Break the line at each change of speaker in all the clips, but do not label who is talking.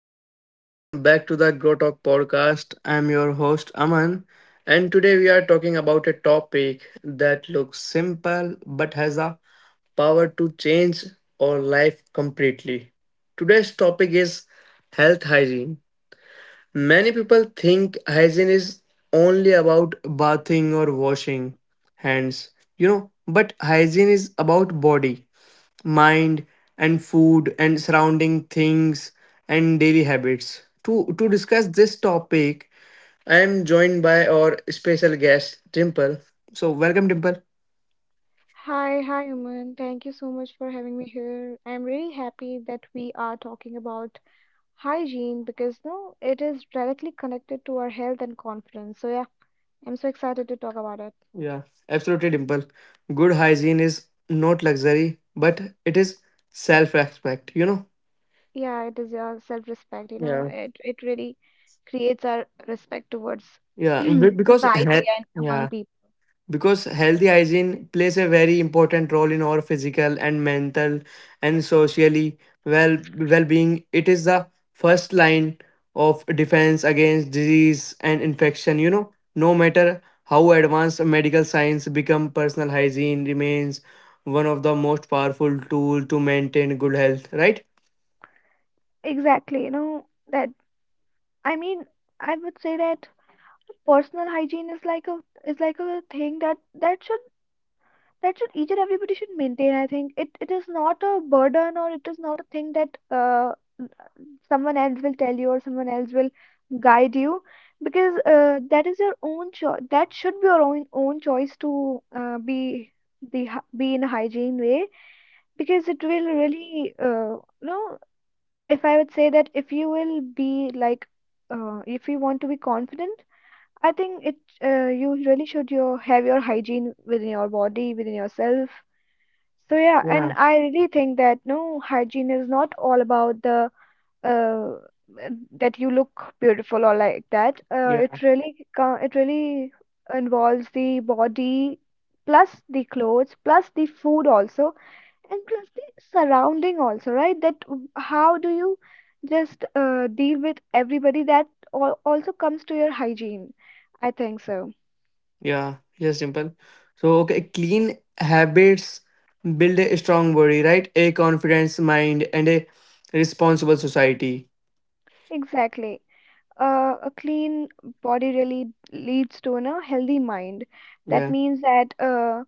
everyone. Welcome back to the Grow Talk podcast. I'm your host, Aman, and today we are talking about a topic that looks simple but has a power to change our life completely. Today's topic is health hygiene. Many people think hygiene is only about bathing or washing hands, but hygiene is about body mind and food and surrounding things and daily habits. To discuss this topic, I am joined by our special guest Dimple. So welcome Dimple.
Hi, hi, Aman. Thank you so much for having me here. I'm really happy that we are talking about hygiene because, no, it is directly connected to our health and confidence. So yeah, I'm so excited to talk about it.
Yeah, absolutely Dimple. Good hygiene is not luxury, but it is self-respect, you know?
Yeah, it is your self-respect,
Yeah.
it really creates our respect towards
Yeah, be-
the
because
society
he-
and among
yeah,
people.
because healthy hygiene plays a very important role in our physical and mental and socially well well-being. It is the first line of defense against disease and infection, you know. No matter how advanced medical science become, personal hygiene remains one of the most powerful tool to maintain good health, right?
Exactly, that, I mean, I would say that personal hygiene is like a thing that that should each and everybody should maintain. I think it is not a burden, or it is not a thing that someone else will tell you or someone else will guide you, because that is your own choice. That should be your own choice to be be in a hygiene way, because it will really you know if I would say that if you will be, like, if you want to be confident, I think it, you really should your have your hygiene within your body, within yourself. So yeah, and
Yeah.
I really think that, no, hygiene is not all about the uh, that you look beautiful or like that.
Yeah.
It really involves the body plus the clothes plus the food also, and plus the surrounding also, right? How do you just deal with everybody, that also comes to your hygiene? I think so.
Yeah, just simple. So, okay, clean habits build a strong body, right? A confidence mind and a responsible society.
Exactly. A clean body really leads to a healthy mind. That
Yeah.
means that,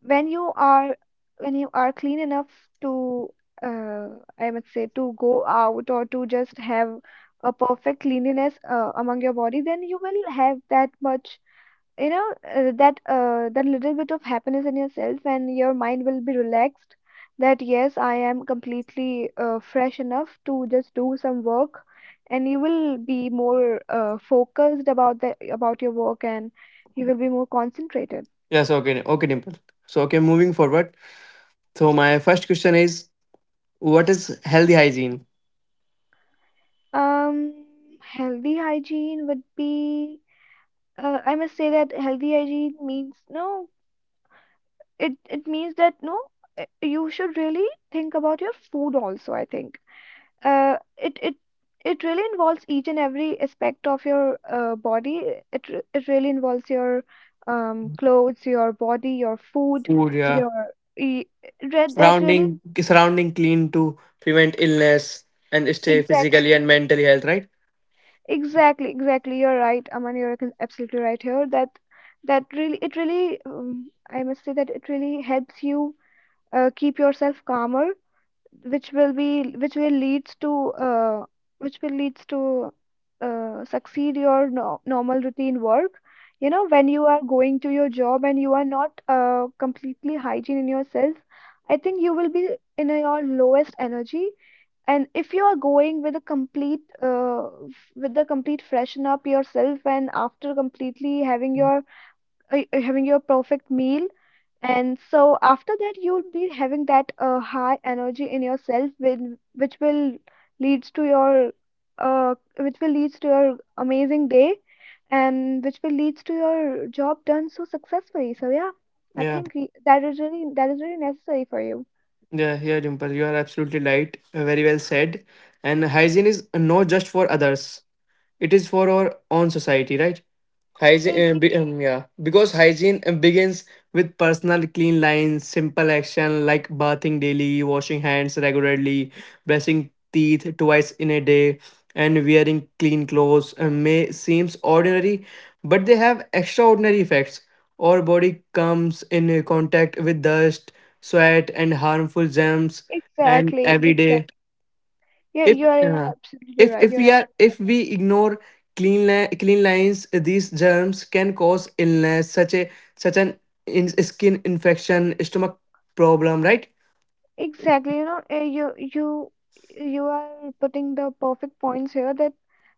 when you are when you are clean enough to, uh, I must say, to go out or to just have a perfect cleanliness among your body. Then you will have that much, that little bit of happiness in yourself, and your mind will be relaxed, that, yes, I am completely fresh enough to just do some work, and you will be more focused about the about your work, and you will be more concentrated.
Yes, okay. Okay, Dimple. So, okay, moving forward. So, my first question is, what is healthy hygiene?
um Healthy hygiene would be, I must say that healthy hygiene means, no, it means that, no, you should really think about your food also, I think. It it it really involves each and every aspect of your body. It really involves your clothes, your body, your food,
Food, yeah.
your e- re- that really
Surrounding, surrounding clean to prevent illness and stay physically
exactly,
and mentally health, right?
exactly, exactly. You're right, Aman. Absolutely right here, that really, it really, I must say that it really helps you keep yourself calmer, which will be, which will leads to succeed your no normal routine work. You know, when you are going to your job and you are not completely hygiene in yourself, I think you will be your lowest energy. And if you are going with a complete, with the complete freshen up yourself, and after completely having your having your perfect meal, and so after that, you'll be having that high energy in yourself, which will leads to your, amazing day, and which will leads to your job done so successfully. So yeah, I
Yeah,
think that is really necessary for you.
yeah, yeah, Dimple. You are absolutely right. Very well said. And hygiene is not just for others. It is for our own society, right?
E-
hygiene
e-
be, yeah because hygiene begins with personal clean lines. Simple action like bathing daily, washing hands regularly, brushing teeth twice in a day, and wearing clean clothes may seems ordinary, but they have extraordinary effects. Our body comes in contact with dust, sweat and harmful germs and
Exactly,
every day,
exactly. Yeah,
if
you are, yeah,
uh,
absolutely
if
right.
if
You're
we are, if we ignore clean lines, these germs can cause illness such a, such an, skin infection, stomach problem, right?
Exactly, you are putting the perfect points here, that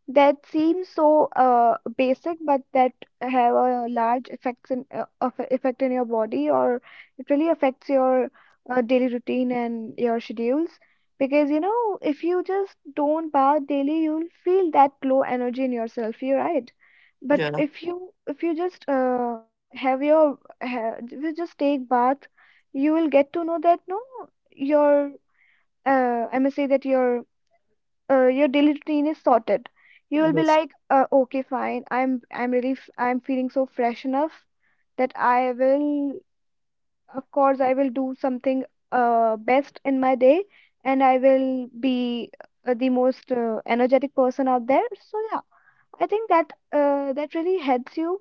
seem so basic, but that have a large effects effect in your body, or it really affects your daily routine and your schedules. Because, you know, if you just don't bath daily, you'll feel that low energy in yourself. You're right, but
Yeah.
if you just have your ha if you just take bath, you will get to know that, no, your, I must say that your, your daily routine is sorted. You will be
Yes,
like, okay, fine. I'm feeling so fresh enough, that I will, of course, I will do something best in my day, and I will be the most energetic person out there. So yeah, I think that, that really helps you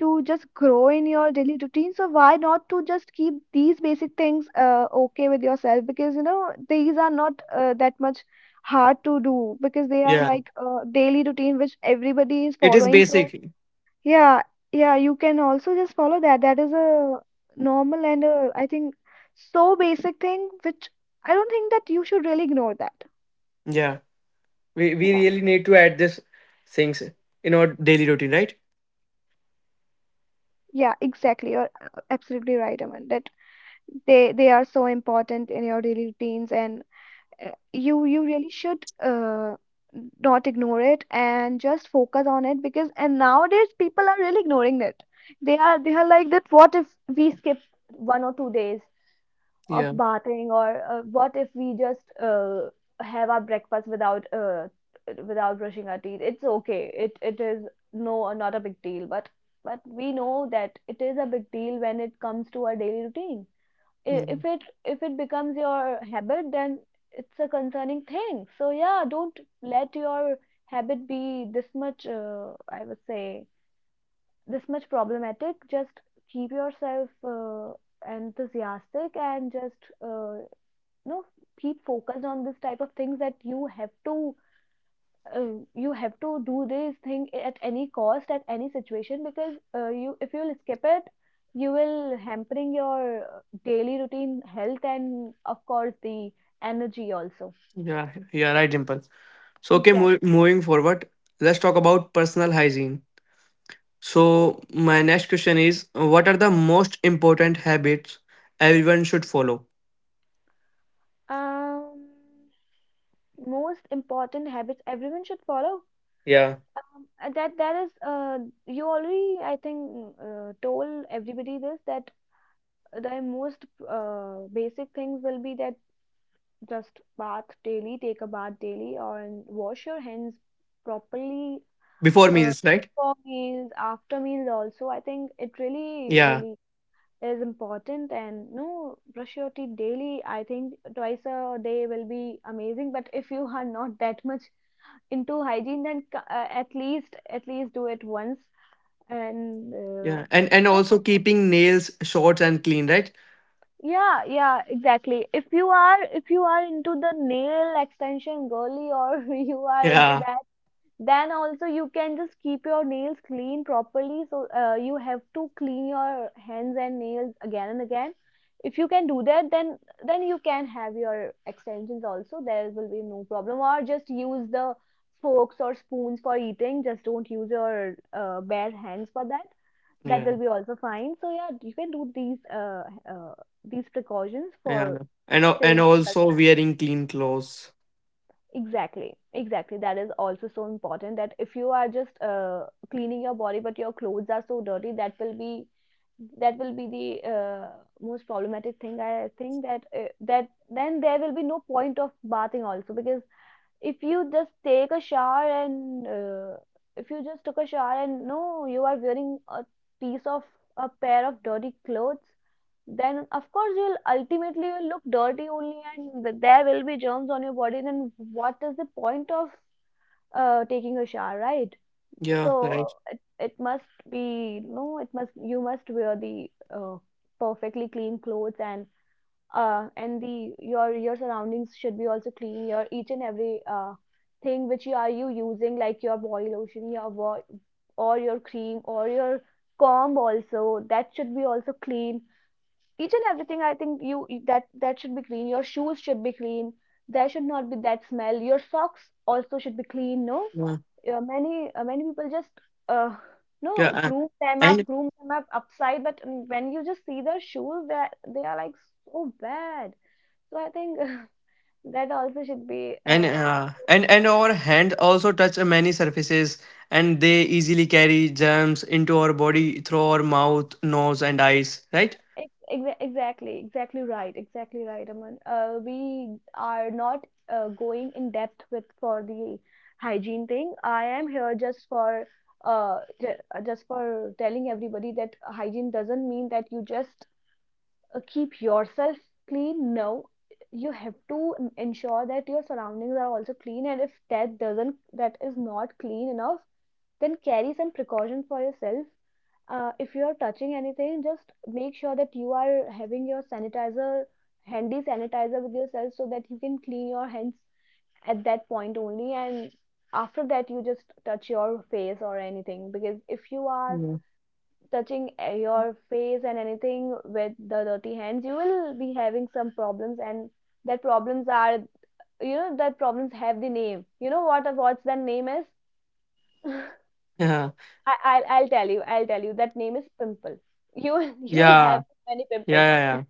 to just grow in your daily routine. So why not to just keep these basic things okay with yourself? Because, these are not that much hard to do, because they are
yeah,
like a daily routine which everybody is
it is
following. So
basic.
yeah, yeah, you can also just follow that. That is a normal, and a, I think, so basic thing, which I don't think that you should really ignore that.
Yeah, we
Yeah,
really need to add this things in our daily routine, right?
yeah, exactly, you're, absolutely right, Aman, that they are so important in your daily routines, and you really should not ignore it and just focus on it. Because, and, nowadays people are really ignoring it. They are like that, what if we skip 1 or 2 days of
Yeah.
bathing, or, what if we just have our breakfast without without brushing our teeth? It's okay, it is, no, not a big deal. But we know that it is a big deal when it comes to our daily routine. i- if
Mhm.
it if it becomes your habit, then it's a concerning thing. So yeah, don't let your habit be this much, I would say, this dramatic. Just keep yourself, uh, and just you know keep this type of things that you have to, you have to, is any cost at any situation. Because, you if you'll skip it, you hampering your daily routine health, and of course the energy also.
Yeah, yeah, right, Dimple. So okay,
Exactly.
moving forward, let's talk about personal hygiene. So, my next question is, what are the most important habits everyone should follow?
um Most important habits everyone should follow.
Yeah.
That is, you already, I think, told everybody this, that the most basic things will be that just bath daily, take a bath daily, or and wash your hands properly,
Before
uh,
meals, right?
before meals, after meals also, I think, it really
Yeah.
really is important. And, no, brush your teeth daily. I think twice a day will be amazing, but if you are not that much into hygiene, then, at least, do it once. And,
Yeah. And
no,
also keeping nails short and clean, right?
yeah, yeah, exactly. If you are into the nail extension girly, or you are into,
Yeah.
then also you can just keep your nails clean properly. So, you have to clean your hands and nails again and again. If you can do that, then you can have your extensions also. There will be no problem. Or just use the forks or spoons for eating. Just don't use your bare hands for that. That
Yeah.
will be also fine. So yeah, you can do uh, these precautions
Yeah.
for
And
staying.
also wearing clean clothes.
Exactly, exactly. That is also so important, that if you are just cleaning your body, but your clothes are so dirty, that will be the most problematic thing. I think that that then there will be no point of bathing also, because if you just take a shower, and, if you just took a shower, and, no, you are wearing a piece of a pair of dirty clothes, then of course you'll ultimately will look dirty only, and there will be germs on your body. Then what is the point of taking a shower, right?
Yeah.
So,
Right.
it must be, no, it must, you must wear the uh, perfectly clean clothes. And, the your surroundings should be also clean. Your each and every thing which you using, like your body lotion, or your cream, or your comb also, that should be also clean. Each and everything, I think, you that that should be clean. Your shoes should be clean, there should not be that smell, your socks also should be clean, no,
Yeah.
many, many people just, no,
Yeah.
groom them up
And
groom them up upside, but when you just see their shoes, they are like so bad. So I think that also should be.
and
uh,
uh, and and our hand also touch many surfaces and they easily carry germs into our body through our mouth, nose and eyes, right?
Exactly, exactly right, exactly right, Aman. We are not going in depth with for the hygiene thing. I am here just for telling everybody that hygiene doesn't mean that you just keep yourself clean. No, you have to ensure that your surroundings are also clean, and if that doesn't, that is not clean enough, then carry some precaution for yourself. If you are touching anything, just make sure that you are having your handy sanitizer with yourself, so that you can clean your hands at that point only. And after that, you just touch your face or anything because if you are
Yeah.
touching your face and anything with the dirty hands, you will be having some problems, and that problems are, you know, that problems have the name. You know what's that name is?
Yeah.
I'll tell you. I'll tell you. That name is pimple. You will
Yeah,
have many pimples
yeah,
then.
yeah,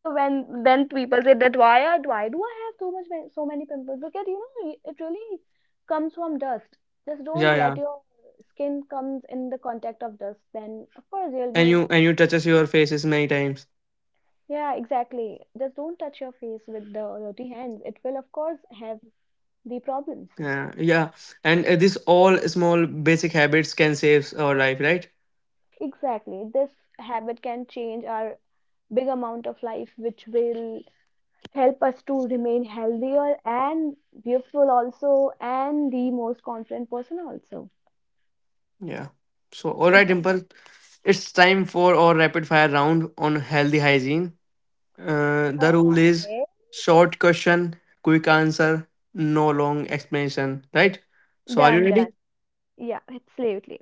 So when then people say that why do I have so much so many pimples? Because it really comes from dust. Just
yeah,
don't
yeah,
let
yeah.
your skin comes in the contact of dust. Then of course you'll
And you, and you
be.
touches your faces many times.
Yeah, exactly. Just don't touch your face with the dirty hands. It will of course have the problems.
Yeah, yeah. And this all small basic habits can save our life, right?
Exactly. This habit can change our big amount of life, which will help us to remain healthier and beautiful also and the most confident person also.
Yeah. So all right,
Exactly.
Dimple, it's time for our rapid fire round on healthy hygiene. The rule is
Okay.
short question, quick answer, no long explanation, right? So are you
Done,
ready?
yeah, absolutely.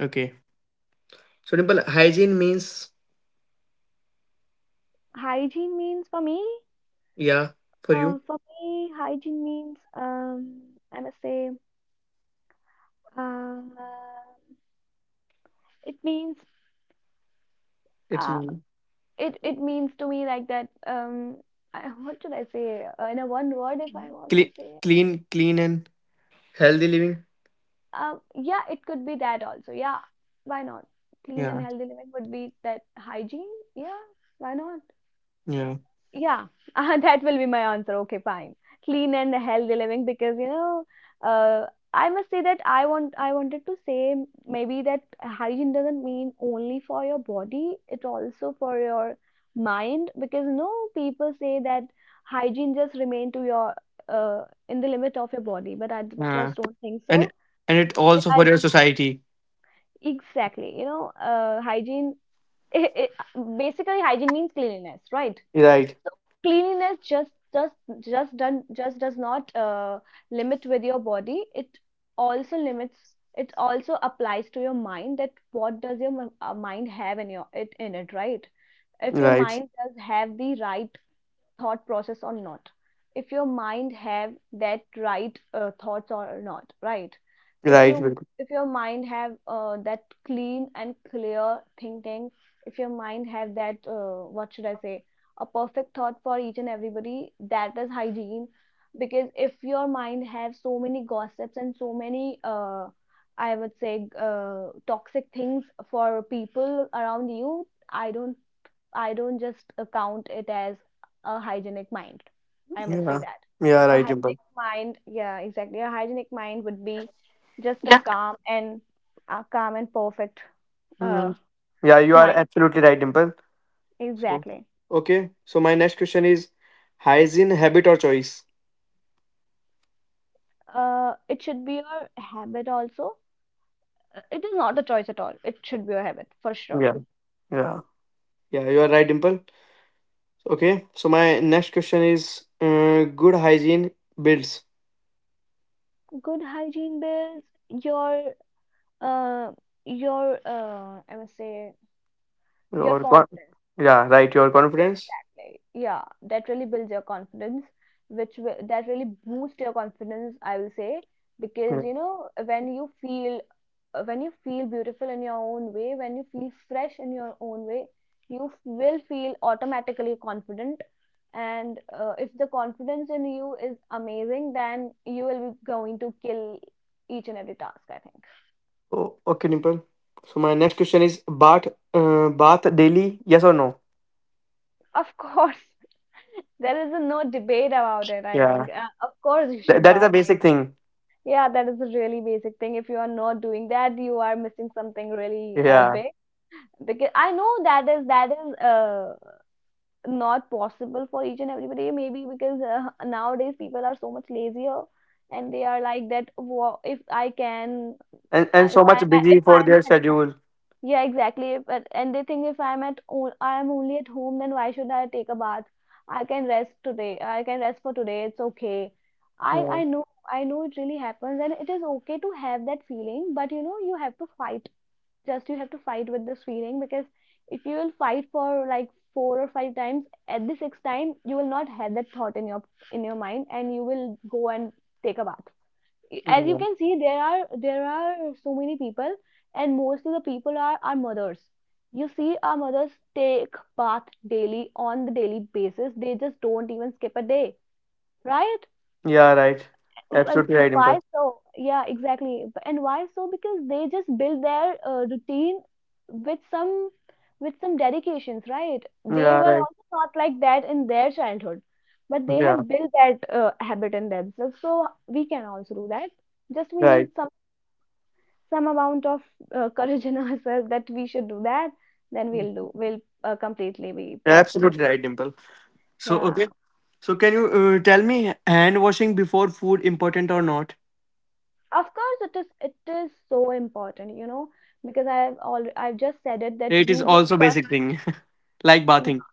Okay. So Dimple, hygiene means,
Hygiene means for me,
yeah, for you.
for me hygiene means, I must say, um it means,
It's
uh
mean
it means to me like that, what should I say, in a one word if I want to
clean,
say.
clean, clean and healthy living.
Yeah, it could be that also. Yeah, why not? Clean and
Yeah,
healthy living would be that hygiene. Yeah, why not?
yeah,
Yeah, that will be my answer. Okay, fine. Clean and healthy living, because you know, uh, I must say that I wanted to say, maybe that hygiene doesn't mean only for your body, it also for your mind, because no, people say that hygiene just remain to your uh, in the limit of your body, but
yeah,
just don't think so.
and and it also for
I
your society.
Exactly. You know, hygiene, it, it, basically hygiene means cleanliness, right?
Right,
So cleanliness just does not limit with your body. It also limits. It also applies to your mind. That what does your mind have in it, right? If your
right,
mind does have the right thought process or not, if your mind have that right, thoughts or not, right? if
right.
you
Dimple.
if your mind have, that clean and clear thinking, if your mind have that, what should I say, a perfect thought for each and everybody, that is hygiene. Because if your mind have so many gossips and so many, I would say, toxic things for people around you, i don't I don't just count it as a hygienic mind. I must say
Yeah,
that.
yeah,
A
right, Dimple.
hygienic mind, yeah, exactly. A hygienic mind would be just a
Yeah.
calm and perfect, uh,
Yeah, yeah, you are
mind.
absolutely right, Dimple. So,
Exactly.
okay. So my next question is, hygiene habit or choice.
It should be a habit also. It is not a choice at all. It should be a habit for sure.
Yeah, yeah, yeah. You are right, Dimple. Okay. So my next question is, good hygiene builds
Good hygiene builds your, uh your, I must say, your
your
confidence.
yeah, right, your confidence.
Yeah, that really builds your confidence, which will, that really boosts your confidence, I will say, because you know, when you feel beautiful in your own way, when you feel fresh in your own way, will feel automatically confident, and if the confidence in you is amazing, then you will be going to kill each and every task, I think.
Oh, okay, Dimple. So my next question is bath, bath daily, yes or no?
Of course. There is no debate about it, I think.
Yeah.
Of course you
Th-
should
that is a
bath.
basic thing.
Yeah, that is a really basic thing. If you are not doing that, you are missing something really,
Yeah,
big. Because I know that is, not possible for each and everybody. Maybe because, nowadays people are so much lazier, and they are like that. If I can,
and
if
so
I
much
am,
busy for their schedule.
yeah, exactly. But and they think, if I'm I'm only at home, then why should I take a bath? I can rest today. I can rest for today. It's okay. I
Yeah,
I know I know it really happens, and it is okay to have that feeling. But you know you have to fight. Just you have to fight with this feeling, because if you will fight for like four or five times, at the sixth time you will not have that thought in your mind, and you will go and take a bath. As you
yeah,
can see, there are so many people, and mostly the people are our mothers. You see, our mothers take bath daily, on the daily basis, they just don't even skip a day, right?
yeah right.
and,
Absolutely
and
right, Dimple.
why so? Yeah, exactly, and why so? Because they just build their, routine with some, dedications, right? They
Yeah,
were
right.
also not like that in their childhood, but they
Yeah,
have built that, habit in themselves, so we can also do that. Just we need
right.
some, amount of, courage in ourselves, that we should do that, then we'll do will, completely be possible.
Absolutely right, Dimple. So
Yeah,
okay, so can you tell me hand washing before food important or not?
of course it is. It is so important, you know, because I've just said it, that
It is
you just
also
touch.
basic thing like
Yeah,
bathing,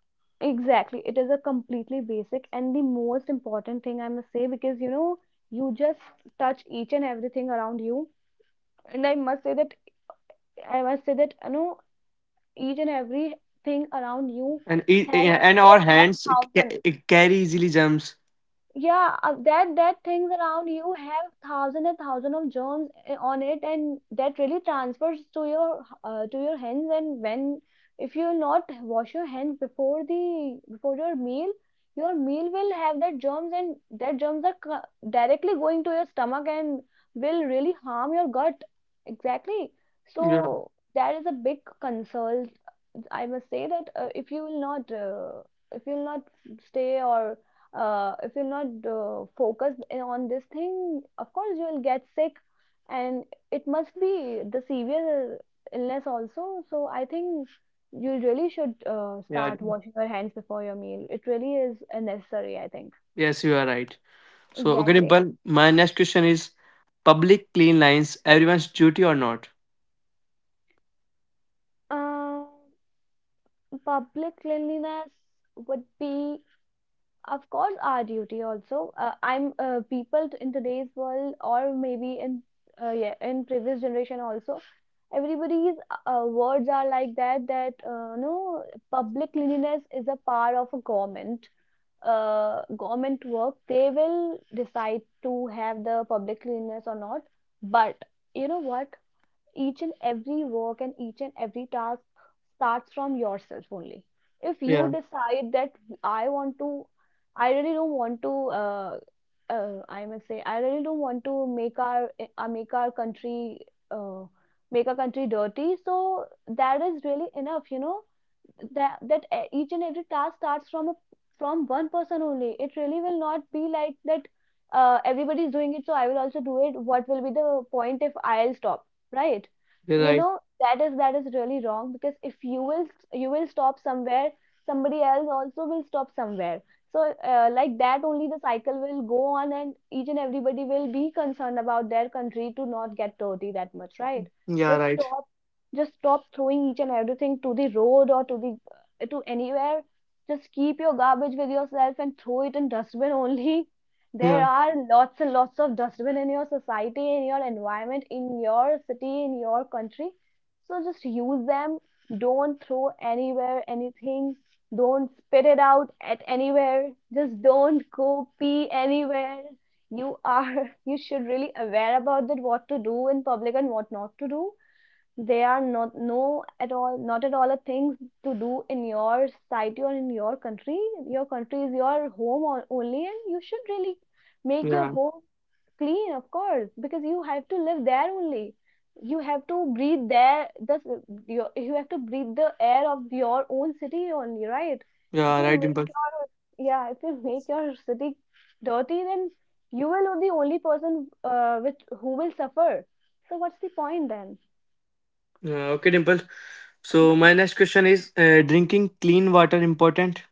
exactly. It is a completely basic and the most important thing, I must say, because you know, you just touch each and everything around you, and I must say that, you know, each and everything around you
and
have
and our
it have
hands
thousands.
carry easily germs.
Yeah, that things around you have thousand and thousand of germs, on it, and that really transfers to your, to your hands, and when, if you not wash your hands before your meal, your meal will have that germs, and that germs are directly going to your stomach and will really harm your gut. Exactly. So
Yeah,
that is a big concern. I must say that, if you will not, if you will not stay, or if you will not focus on this thing, of course you will get sick, and it must be the severe illness also. So I think you really should,
yeah.
start washing your hands before your meal. It really is, necessary, I think.
Yes, you are right. So, okay,
Exactly.
Dimple, my next question is public clean lines everyone's duty or not?
Um, Public cleanliness would be of course our duty also. In today's world, or maybe in, yeah, in previous generation also, everybody's, words are like that, no, public cleanliness is a part of a government, work, they will decide to have the public cleanliness or not. But you know what, each and every work and each and every task starts from yourself only. If you
Yeah,
decide that, i want to i really don't want to uh, I must say, I really don't want to uh, make our country uh, make our country dirty. So that is really enough, you know, that, each and every task starts from one person only. It really will not be like that, everybody is doing it, so I will also do it, what will be the point if I'll stop, right?
you're
You
right.
know, that is really wrong. Because if you will stop somewhere, somebody else also will stop somewhere. So, like that only the cycle will go on, and each and everybody will be concerned about their country to not get dirty that much, right?
Yeah,
just
right.
stop just stop throwing each and everything to the road, or to anywhere. Just keep your garbage with yourself and throw it in dustbin only.
Yeah,
There are lots and lots of dustbin in your society, in your environment, in your city, in your country, so just use them. Don't throw anywhere anything. Don't spit it out at anywhere. Just don't go pee anywhere. You are You should really aware about that, what to do in public and what not to do. They are not, no, at all, not at all a things to do in your society or in your country. Your country is your home only, and you should really make your
yeah,
home clean, of course, because you have to live there only. You have to breathe there, thus, you have to breathe the air of your own city only, right? if
yeah,
you
right, Dimple.
make your yeah if you make your city dirty, then you will be the only person, which who will suffer. So what's the point then?
Yeah, okay, Dimple. So, my next question is, drinking clean water important?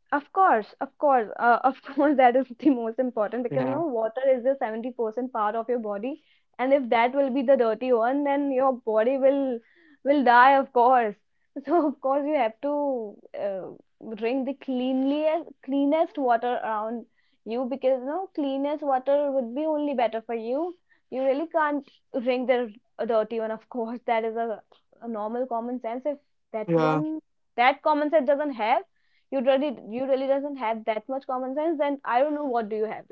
Of course, of course, of course, that is the most important, because
Yeah.
no, water is the 70% part of your body, and if that will be the dirty one, then your body will die, of course. So of course you have to, uh, drink the cleanliest cleanest water around you, because no, cleanest water would be only better for you. You really can't drink the, dirty one, of course. That is a, normal common sense. If that
Yeah.
one, that common sense doesn't have, you really doesn't have that much common sense, then I don't know what do you have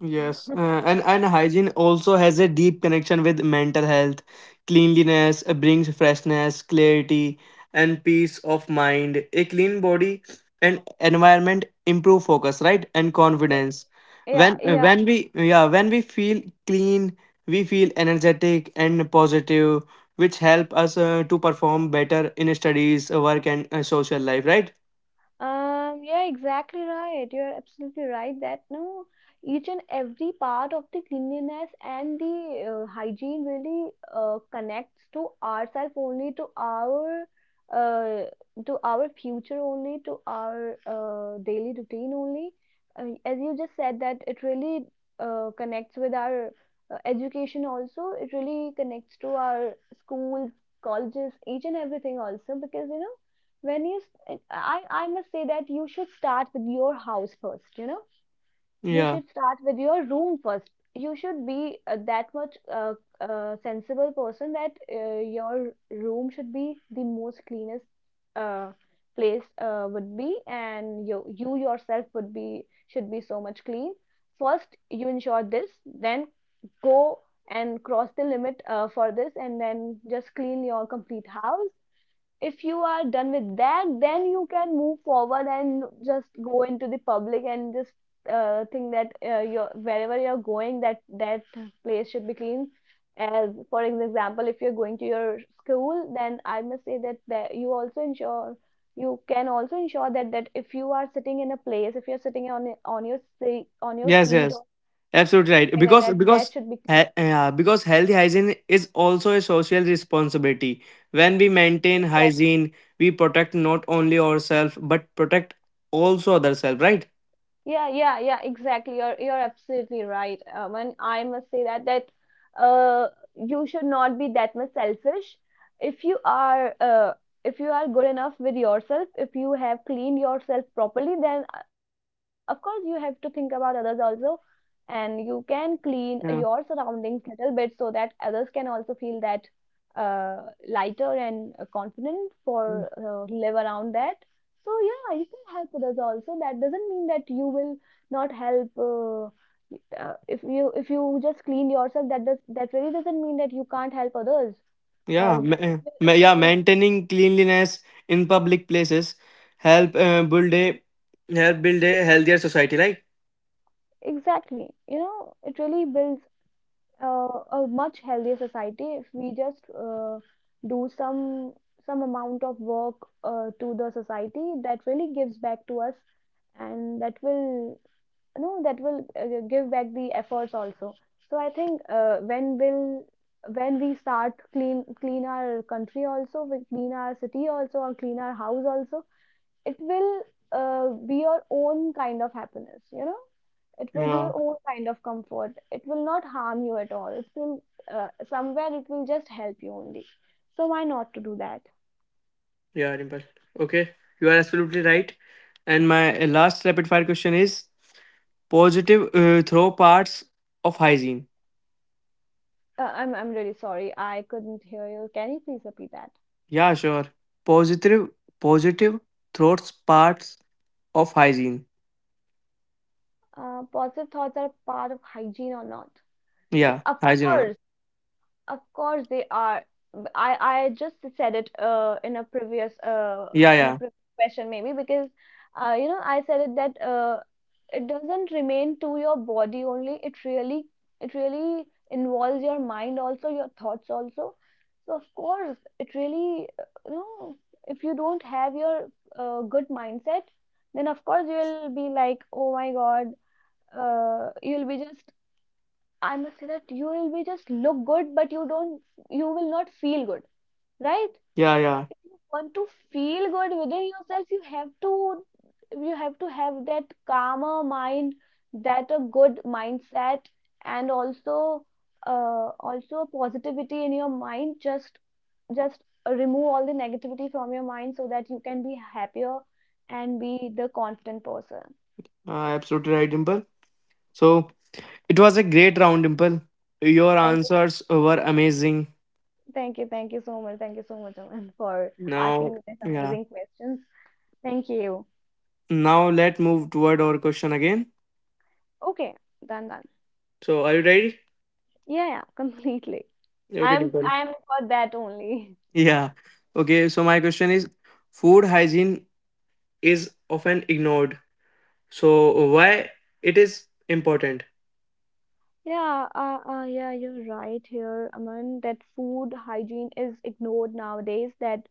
Yes, and hygiene also has a deep connection with mental health. Cleanliness brings freshness, clarity, and peace of mind. A clean body and environment improve focus, right, and
Eh,
confidence.
yeah,
When uh,
yeah.
when we yeah when we feel clean, we feel energetic and positive, which help us to perform better in studies, work, and social life, right?
Yeah, exactly right. You're absolutely right that no, each and every part of the cleanliness and the hygiene really connects to ourselves only, uh, to our future only, to our daily routine only. As you just said that it really connects with our education also. It really connects to our schools, colleges, each and everything also because you know when I must say that you should start with your house first, you know, you
Yeah.
should start with your room first. You should be that much sensible person that your room should be the most cleanest uh, place would be, and you yourself would be, should be, so much clean. First you ensure this, then go and cross the limit for this, and then just clean your complete house. If you are done with that, then you can move forward and just go into the public and just think that you're, wherever you're going, that that place should be clean. As for example, if you're going to your school, then I must say that, that you also ensure, you can also ensure that, that if you are sitting in a place, if you're sitting on your seat, on your
Yes,
seat
yes,
or something like that,
absolutely
that
right.
should be
Because healthy hygiene is also a social responsibility. When we maintain
clean.
hygiene, we protect not only ourselves but protect also other self, right?
Yeah, yeah, yeah, exactly. You're absolutely right. And I must say that, that uh, you should not be that much selfish. If you are uh, if you are good enough with yourself, if you have cleaned yourself properly, then of course you have to think about others also, and you can clean your
Yeah,
surroundings little bit so that others can also feel that uh, lighter and confident for live around that. So yeah, you can help others also. That doesn't mean that you will not help. If you just clean yourself, that does, that really doesn't mean that you can't help others.
yeah,
As it will,
Maintaining cleanliness in public places help uh, build a help build a healthier society, right?
exactly, you know, it really builds a much healthier society if we just do some amount of work to the society that really gives back to us, and that will, no, that will give back the efforts also. So I think when will, when we start clean, clean our country also, we clean our city also, or clean our house also, it will be your own kind of happiness, you know. It will be
Yeah,
your own kind of comfort. It will not harm you at all. It will somewhere, it will just help you only. So why not to do that?
yeah, Dimple. Okay, you are absolutely right. And my last rapid fire question is positive throw parts of hygiene.
I'm really sorry, I couldn't hear you. Can you please repeat that?
Yeah, sure. Positive, positive throats parts of hygiene.
Positive thoughts are part of hygiene or not? Yeah,
Yeah, hygiene or not.
of course they are. I just said it
Yeah,
in a
yeah,
previous question maybe because you know I said it that it doesn't remain to your body only. It really involves your mind also, your thoughts also. So of course it really you know, if you don't have your good mindset, then of course you'll be like, oh my God, you'll be just, I must say that you will be just look good, but you don't, you will not feel good, right?
yeah, yeah.
Want to feel good within yourself, you have to have that calmer mind, that a good mindset, and also, also positivity in your mind. Just remove all the negativity from your mind so that you can be happier and be the confident person.
Absolutely right, Dimple. So it was a great round, Dimple. Your
Thank you,
answers were amazing.
thank you, thank you so much, thank you so much, Aman, for asking
Now,
me these
yeah.
amazing questions. Thank you.
Now let move toward our question again.
Okay, done that.
So are you ready?
Yeah, yeah, completely.
Okay,
I'm
Dimple.
I'm for that only.
Yeah. Okay. So my question is, food hygiene is often ignored. So why it is important?
Yeah, yeah, you're right here, Aman, that food hygiene is ignored nowadays, that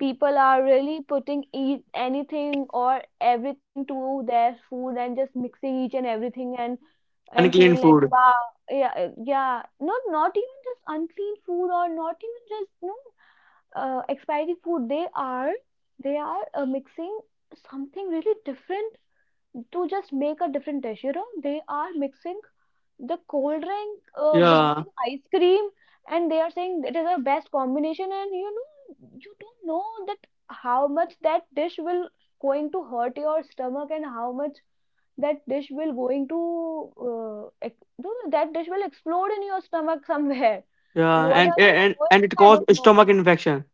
people are really putting eat anything or everything to their food and just mixing each and everything, and
Unclean
feeling like,
food.
wow, yeah, yeah, not even just unclean food, or not even just no. Expiry food, they are, they are mixing something really different to just make a different dish. You know, they are mixing the cold drink with the
Yeah,
ice cream, and they are saying it is the best combination. And you know, you don't know that how much that dish will going to hurt your stomach, and how much that dish will going to you know, that dish will explode in your stomach somewhere.
yeah,
What are you
and
doing,
it
I
cause
don't know.
stomach infection.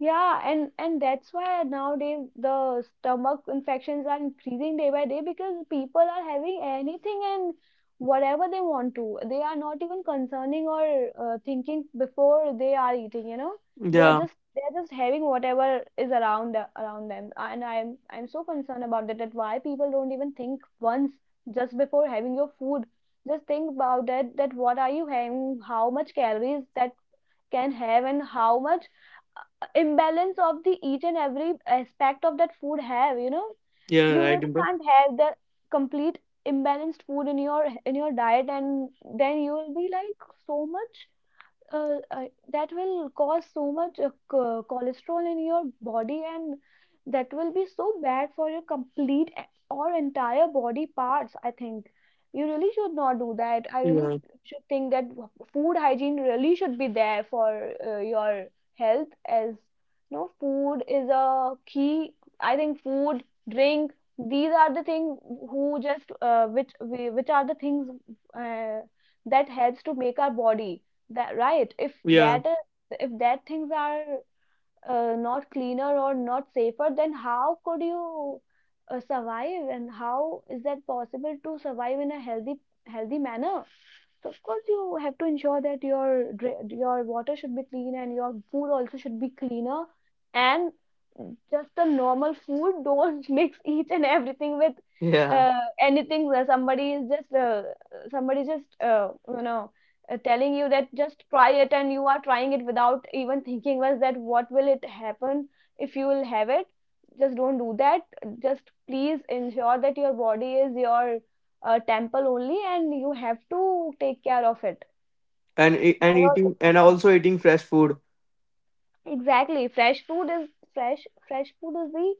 Yeah, and that's why nowadays the stomach infections are increasing day by day, because people are having anything and whatever they want to. They are not even concerning or thinking before they are eating, you know. They are
Yeah,
just they are just having whatever is around around them. And I'm so concerned about that, that why people don't even think once just before having your food. Just think about that, that what are you having, how much calories that can have, and how much imbalance of the each and every aspect of that food have, you know.
yeah,
You
right,
really
Dimple.
can't have the complete imbalanced food in your diet, and then you will be like so much uh, uh, that will cause so much cholesterol in your body, and that will be so bad for your or entire body parts, I think. You really should not do that. I really
Yeah,
should think that food hygiene really should be there for your health, as no, food is a key. I think food, drink, these are the things who just which are the things uh, that helps to make our body that right. If
yeah,
that is, if that things are not cleaner or not safer, then how could you survive? And how is that possible to survive in a healthy manner? So of course you have to ensure that your your water should be clean, and your food also should be cleaner, and just the normal food. Don't mix each and everything with
yeah,
uh, anything, where somebody is just somebody just you know, telling you that just try it, and you are trying it without even thinking was that what will it happen if you will have it. Just don't do that. Just please ensure that your body is your temple only, and you have to take care of it.
and e-
By
and
your
eating,
own.
and also eating fresh food.
Exactly, fresh food is fresh. Fresh food is the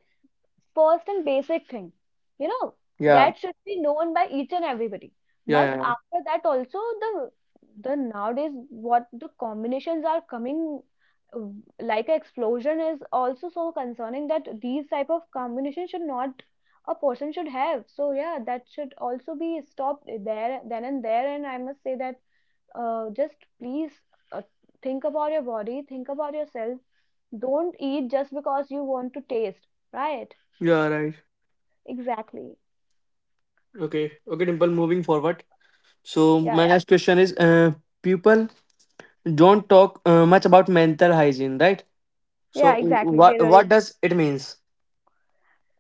first and basic thing. You know,
Yeah,
that should be known by each and everybody.
yeah,
But
yeah,
after that, also the nowadays what the combinations are coming uh, like an explosion is also so concerning, that these type of combination should not a person should have. So yeah, that should also be stopped there then and there. And I must say that just please uh, think about your body, think about yourself. Don't eat just because you want to taste, right?
yeah, right.
Exactly.
Okay, okay, Dimple. Moving forward. So
Yeah,
my
yeah,
next question is, people don't talk much about mental hygiene, right? So
yeah, exactly. They really
what does it means?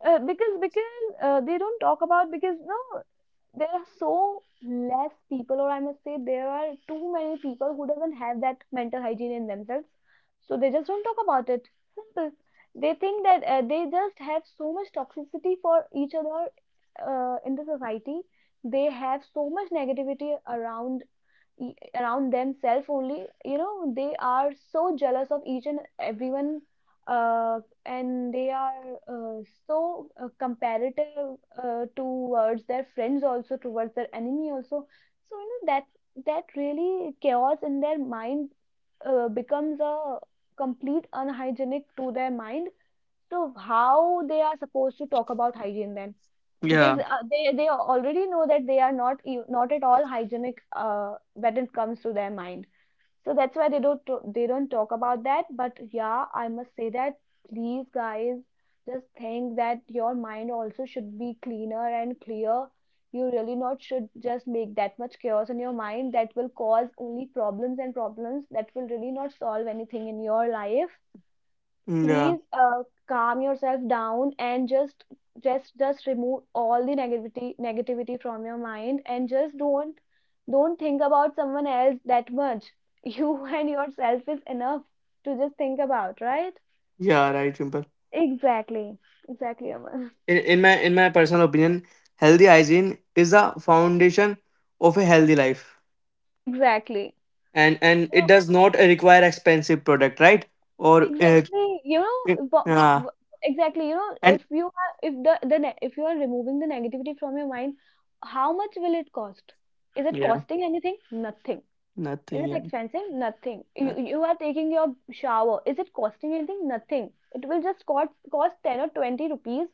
because they don't talk about because no, there are so less people, or I must say there are too many people who doesn't have that mental hygiene in themselves, so they just don't talk about it. Simple. They think that they just have so much toxicity for each other in the society. They have so much negativity around, around themselves only. You know, they are so jealous of each and everyone, uh, and they are uh, comparative towards their friends also, towards their enemy also. So you know that, that really chaos in their mind becomes a complete unhygienic to their mind. So how they are supposed to talk about hygiene then? Because
Yeah,
they already know that they are not not at all hygienic when it comes to their mind. So that's why they don't talk about that. But yeah, I must say that, please guys, just think that your mind also should be cleaner and clear. You really not should just make that much chaos in your mind, that will cause only problems and problems, that will really not solve anything in your life.
yeah,
Please calm yourself down, and just remove all the negativity from your mind, and just don't think about someone else that much. You and yourself is enough to just think about, right?
yeah, right, Dimple.
Exactly, exactly, Aman.
In my personal opinion, healthy hygiene is the foundation of a healthy life,
Exactly.
and it
No,
does not require expensive product, right? or uh,
exactly, you
it-
know, but,
uh,
exactly, you know,
and
if you are, if if you are removing the negativity from your mind, how much will it cost? Is it
yeah,
costing anything? Nothing. Is
nothing.
it
Yeah,
expensive? Nothing. You,
noth-
you are taking your shower. Is it costing anything? Nothing. It will just cost 10 or 20 rupees,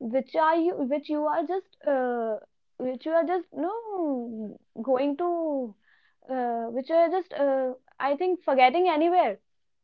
which are you, which you are just no, going to which you are just I think forgetting anywhere.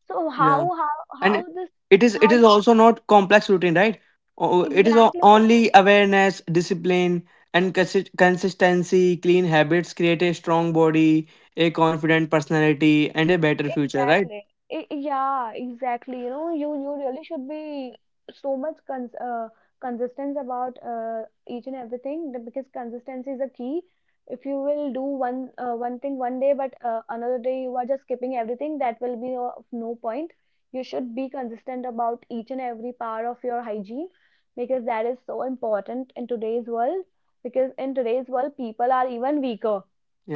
So
yeah. And
how this,
it is, it
how
is
this,
also not complex routine, right? O- it is o-
exactly.
only awareness, discipline and consistency. Clean habits create a strong body, a confident personality and a better future, right?
Exactly. Yeah, exactly. You know, you really should be so much consistent about each and everything, because consistency is a key. If you will do one one thing one day, but another day you are just skipping everything, that will be of no point. You should be consistent about each and every part of your hygiene, because that is so important in today's world. Because in today's world, people are even weaker,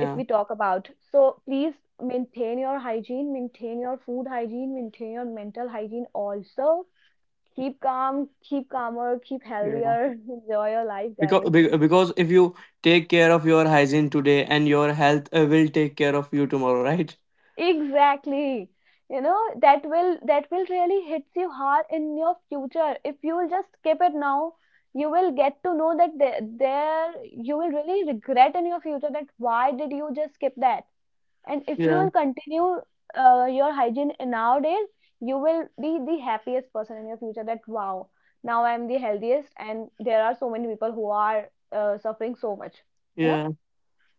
if we talk about. So please maintain your hygiene, maintain your food hygiene, maintain your mental hygiene also. Keep calm, keep calmer, keep
Yeah,
healthier, enjoy your life,
because
guys.
be- because if you take care of your hygiene today, and your health will take care of you tomorrow, right?
Exactly. You know, that will, that will really hits you hard in your future. If you will just skip it now, you will get to know that there you will really regret in your future, that why did you just skip that? And if you
Yeah.
will continue your hygiene nowadays, you will be the happiest person in your future. That, wow, now I am the healthiest, and there are so many people who are suffering so much. You know?
Yeah.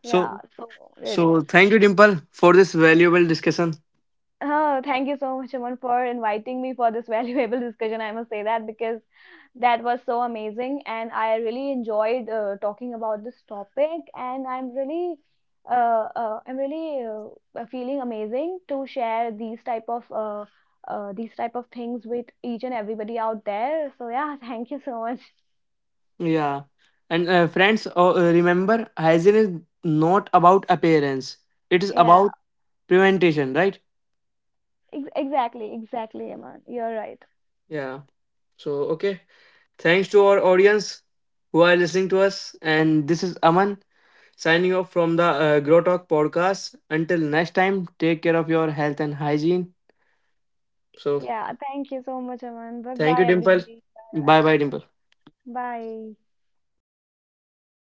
Yeah.
So
So really.
so thank you, Dimple, for this valuable discussion.
Oh, thank you so much, Aman, for inviting me for this valuable discussion. I must say that, because that was so amazing, and I really enjoyed talking about this topic. And I'm really, uh, uh, I'm really feeling amazing to share these type of things with each and everybody out there. So yeah, thank you so much.
Yeah. And friends remember, hygiene is not about appearance. It is
Yeah,
about prevention, right?
exactly, exactly, Aman. You're right.
Yeah. So okay, thanks to our audience who are listening to us. And this is Aman signing off from the Grow Talk podcast. Until next time, take care of your health and hygiene. So
Yeah, thank you so much, Aman. Bye
thank
bye,
you, Dimple.
everybody.
Bye
Bye
bye, Dimple.
bye. Bye.